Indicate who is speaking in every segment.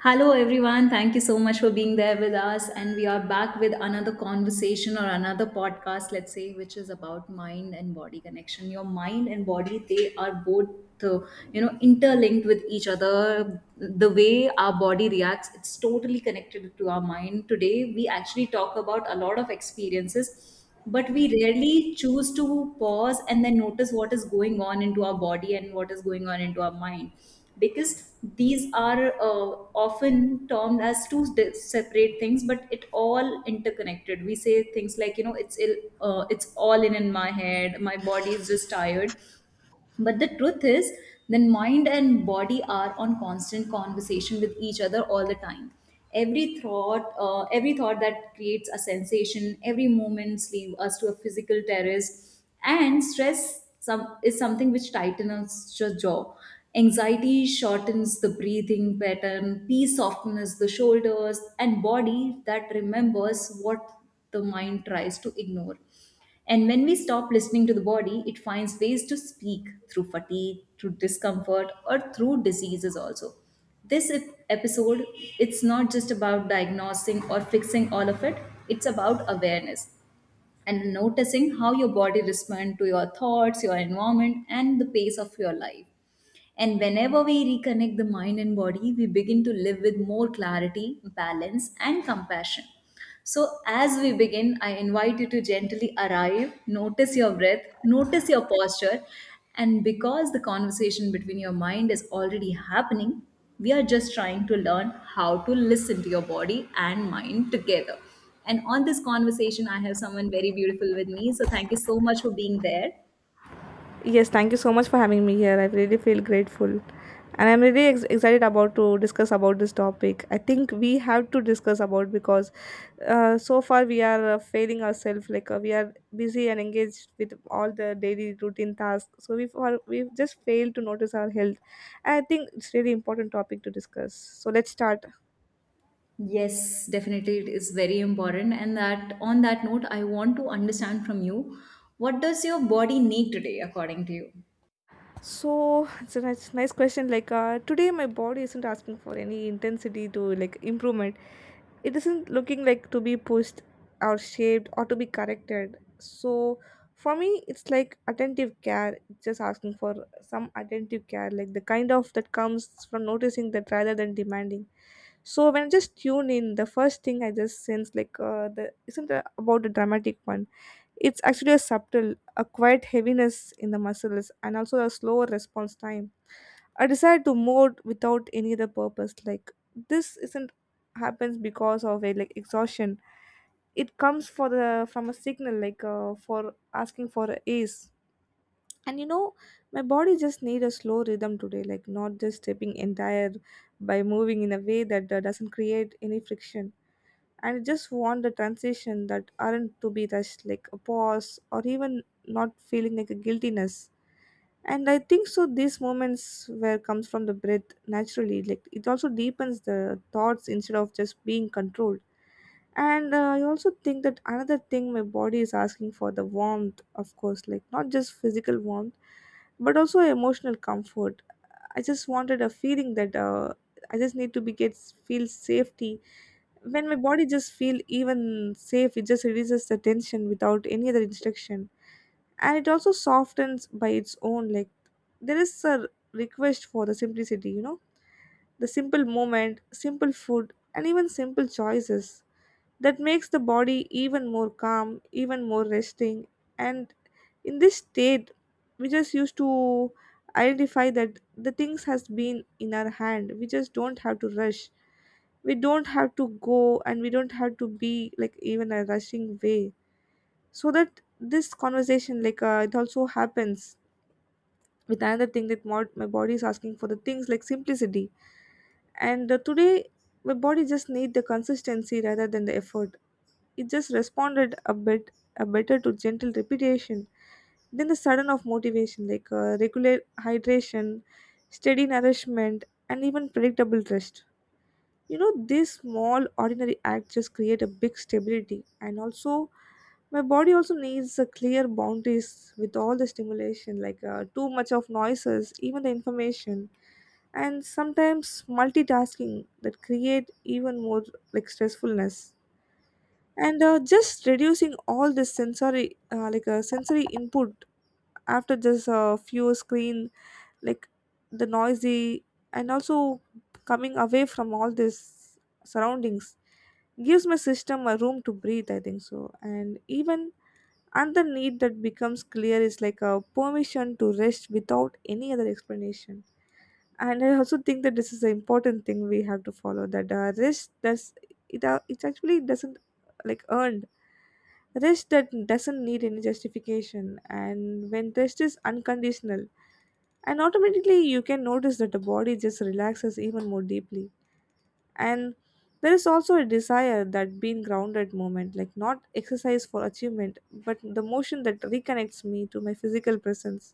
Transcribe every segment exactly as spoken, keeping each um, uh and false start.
Speaker 1: Hello, everyone. Thank you so much for being there with us. And we are back with another conversation or another podcast, let's say, which is about mind and body connection. Your mind and body, they are both. Uh, you know interlinked with each other, the way our body reacts, it's totally connected to our mind. Today we actually talk about a lot of experiences, but we rarely choose to pause and then notice what is going on into our body and what is going on into our mind, because these are uh, often termed as two di- separate things, but it all interconnected. We say things like you know it's ill, uh, it's all in in my head, my body is just tired, but the truth is, then mind and body are on constant conversation with each other all the time. Every thought, uh, every thought that creates a sensation, every moment leads us to a physical terrace, and stress some is something which tightens your jaw. Anxiety shortens the breathing pattern, peace softens the shoulders, and body that remembers what the mind tries to ignore. And when we stop listening to the body, it finds ways to speak through fatigue, through discomfort, or through diseases also. This ep- episode, it's not just about diagnosing or fixing all of it, it's about awareness and noticing how your body responds to your thoughts, your environment, and the pace of your life. And whenever we reconnect the mind and body, we begin to live with more clarity, balance, and compassion. So, as we begin, I invite you to gently arrive, notice your breath, notice your posture, and because the conversation between your mind is already happening, we are just trying to learn how to listen to your body and mind together. And on this conversation, I have someone very beautiful with me. So thank you so much for being there.
Speaker 2: Yes, thank you so much for having me here. I really feel grateful. And I'm really ex- excited about to discuss about this topic. I think we have to discuss about because uh, so far we are uh, failing ourselves. Like uh, we are busy and engaged with all the daily routine tasks. So we for we just fail to notice our health. I think it's really important topic to discuss. So let's start.
Speaker 1: Yes, definitely it is very important. And that on that note, I want to understand from you, what does your body need today, according to you?
Speaker 2: So it's a nice, nice question. Like uh, today, my body isn't asking for any intensity to like improvement. It isn't looking like to be pushed or shaped or to be corrected. So for me, it's like attentive care. It's just asking for some attentive care, like the kind of that comes from noticing that rather than demanding. So when I just tune in, the first thing I just sense like uh, the isn't a- about the dramatic one, it's actually a subtle, a quiet heaviness in the muscles and also a slower response time. A desire to move without any other purpose. Like this isn't happens because of a like exhaustion. It comes for the from a signal like uh, for asking for a ace. And you know, my body just need a slow rhythm today, like not just stepping entire by moving in a way that uh, doesn't create any friction and just want the transition that aren't to be rushed like a pause or even not feeling like a guiltiness. And I think so these moments where comes from the breath naturally, like it also deepens the thoughts instead of just being controlled. And uh, I also think that another thing my body is asking for the warmth of course, like not just physical warmth but also emotional comfort. I just wanted a feeling that uh, I just need to be get feel safety. When my body just feel even safe, it just releases the tension without any other instruction, and it also softens by its own. Like there is a request for the simplicity. You know the simple moment, simple food, and even simple choices that makes the body even more calm, even more resting. And in this state we just used to identify that the things has been in our hand. We just don't have to rush, we don't have to go, and we don't have to be like even a rushing way. So that this conversation like uh, it also happens with another thing that mod- my body is asking for the things like simplicity. And uh, today my body just need the consistency rather than the effort. It just responded a bit a better to gentle repetition than the sudden of motivation, like uh, regular hydration, steady nourishment, and even predictable rest. You know these small ordinary acts just create a big stability. And also my body also needs a clear boundaries with all the stimulation, like uh, too much of noises, even the information, and sometimes multitasking that create even more like stressfulness. And uh, just reducing all this sensory uh, like uh, sensory input after just a uh, few screen, like the noisy, and also coming away from all this surroundings gives my system a room to breathe, I think so. And even another need that becomes clear is like a permission to rest without any other explanation. And I also think that this is an important thing we have to follow, that uh, rest does it uh, it actually doesn't like earned. Rest that doesn't need any justification, and when rest is unconditional, and automatically you can notice that the body just relaxes even more deeply. And there is also a desire that being grounded moment, like not exercise for achievement but the motion that reconnects me to my physical presence.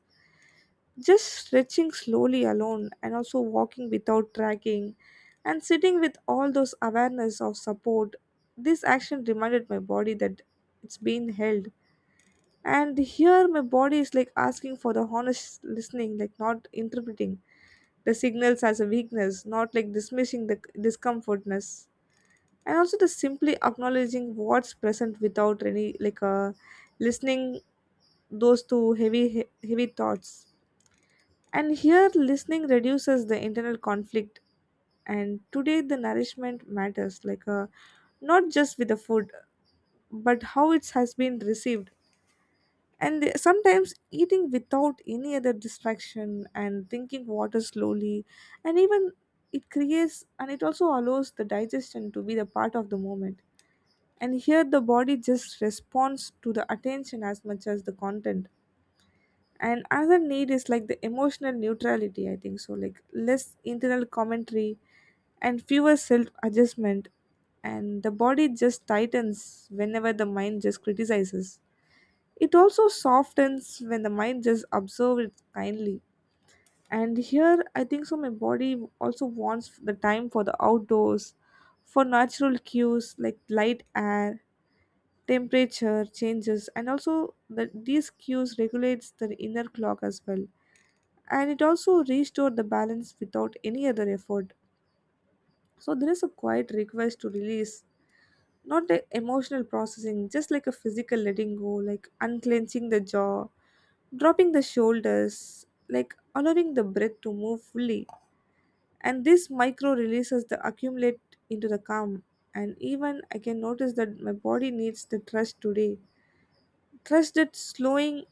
Speaker 2: Just stretching slowly alone, and also walking without tracking, and sitting with all those awareness of support. This action reminded my body that it's being held. And here my body is like asking for the honest listening, like not interpreting the signals as a weakness, not like dismissing the discomfortness, and also the simply acknowledging what's present without any like uh, listening those two heavy he- heavy thoughts. And here listening reduces the internal conflict. And today the nourishment matters, like uh, not just with the food but how it has been received. And the- sometimes eating without any other distraction and drinking water slowly, and even it creates and it also allows the digestion to be the part of the moment. And here the body just responds to the attention as much as the content. And another need is like the emotional neutrality, I think so, like less internal commentary and fewer self adjustment. And the body just tightens whenever the mind just criticizes. It also softens when the mind just observes it kindly. And here I think so my body also wants the time for the outdoors, for natural cues like light, air, temperature changes, and also the, these cues regulates the inner clock as well, and it also restore the balance without any other effort. So there is a quiet request to release, not the emotional processing, just like a physical letting go, like unclenching the jaw, dropping the shoulders, like allowing the breath to move fully. And this micro releases the accumulate into the calm. And even I can notice that my body needs the trust today. Trust that slowing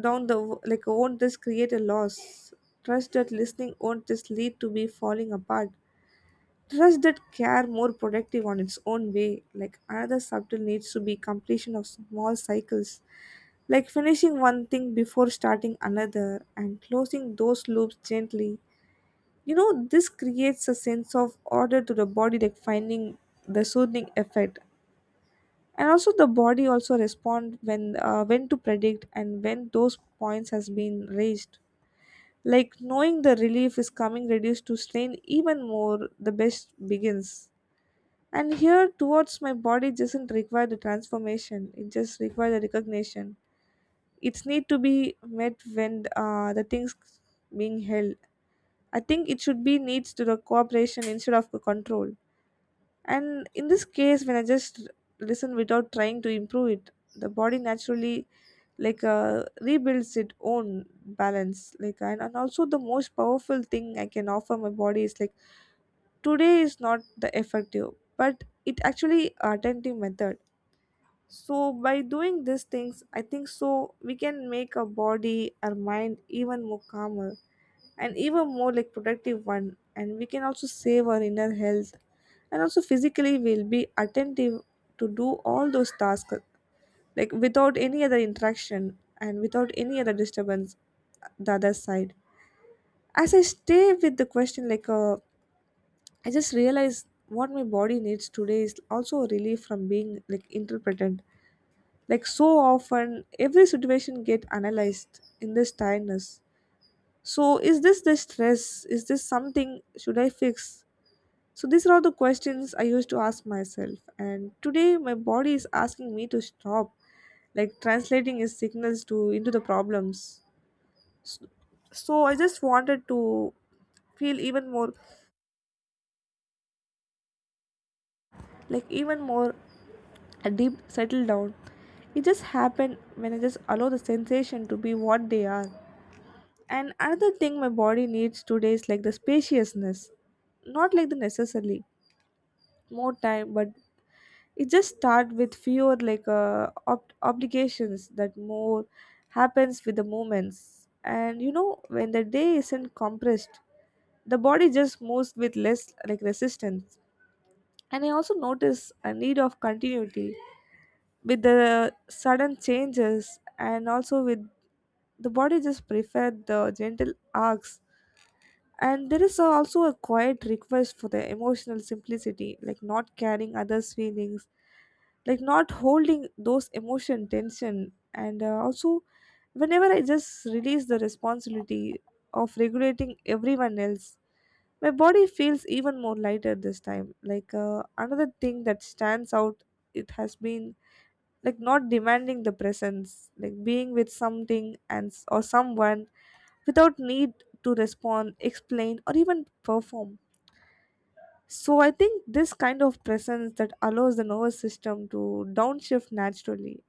Speaker 2: down the w- like won't this create a loss. Trust that listening won't this lead to be falling apart. Trust that care more productive on its own way. Like another subtle needs to be completion of small cycles, like finishing one thing before starting another, and closing those loops gently. You know, this creates a sense of order to the body, like finding the soothing effect. And also the body also respond when uh, when to predict and when those points has been raised, like knowing the relief is coming reduced to strain even more the best begins. And here towards my body doesn't require the transformation, it just requires the recognition. It's need to be met when uh, the things being held. I think it should be needs to the cooperation instead of the control. And in this case, when I just listen without trying to improve it, the body naturally like uh, rebuilds its own balance. Like and, and also the most powerful thing I can offer my body is like today is not the effective, but it actually attentive method. So by doing these things, I think so we can make our body, our mind even more calmer and even more like productive one, and we can also save our inner health, and also physically we'll be attentive to do all those tasks like without any other interaction and without any other disturbance. The other side, as I stay with the question like uh, I just realize what my body needs today is also a relief from being like interpreted, like so often every situation get analyzed in this tiredness. So is this the stress, is this something should I fix? So these are all the questions I used to ask myself, and today my body is asking me to stop like translating its signals to into the problems. So, so I just wanted to feel even more like even more a deep settle down. It just happened when I just allow the sensation to be what they are. And another thing my body needs today is like the spaciousness. Not like the necessarily more time, but it just start with fewer like uh, ob- obligations that more happens with the moments. And you know when the day isn't compressed, the body just moves with less like resistance. And I also notice a need of continuity with the sudden changes, and also with the body just prefer the gentle arcs. And there is also a quiet request for the emotional simplicity, like not carrying others feelings, like not holding those emotion tension. And uh, also whenever I just release the responsibility of regulating everyone else, my body feels even more lighter this time. Like uh, another thing that stands out, it has been like not demanding the presence, like being with something and or someone without need to respond, explain, or even perform. So I think this kind of presence that allows the nervous system to downshift naturally.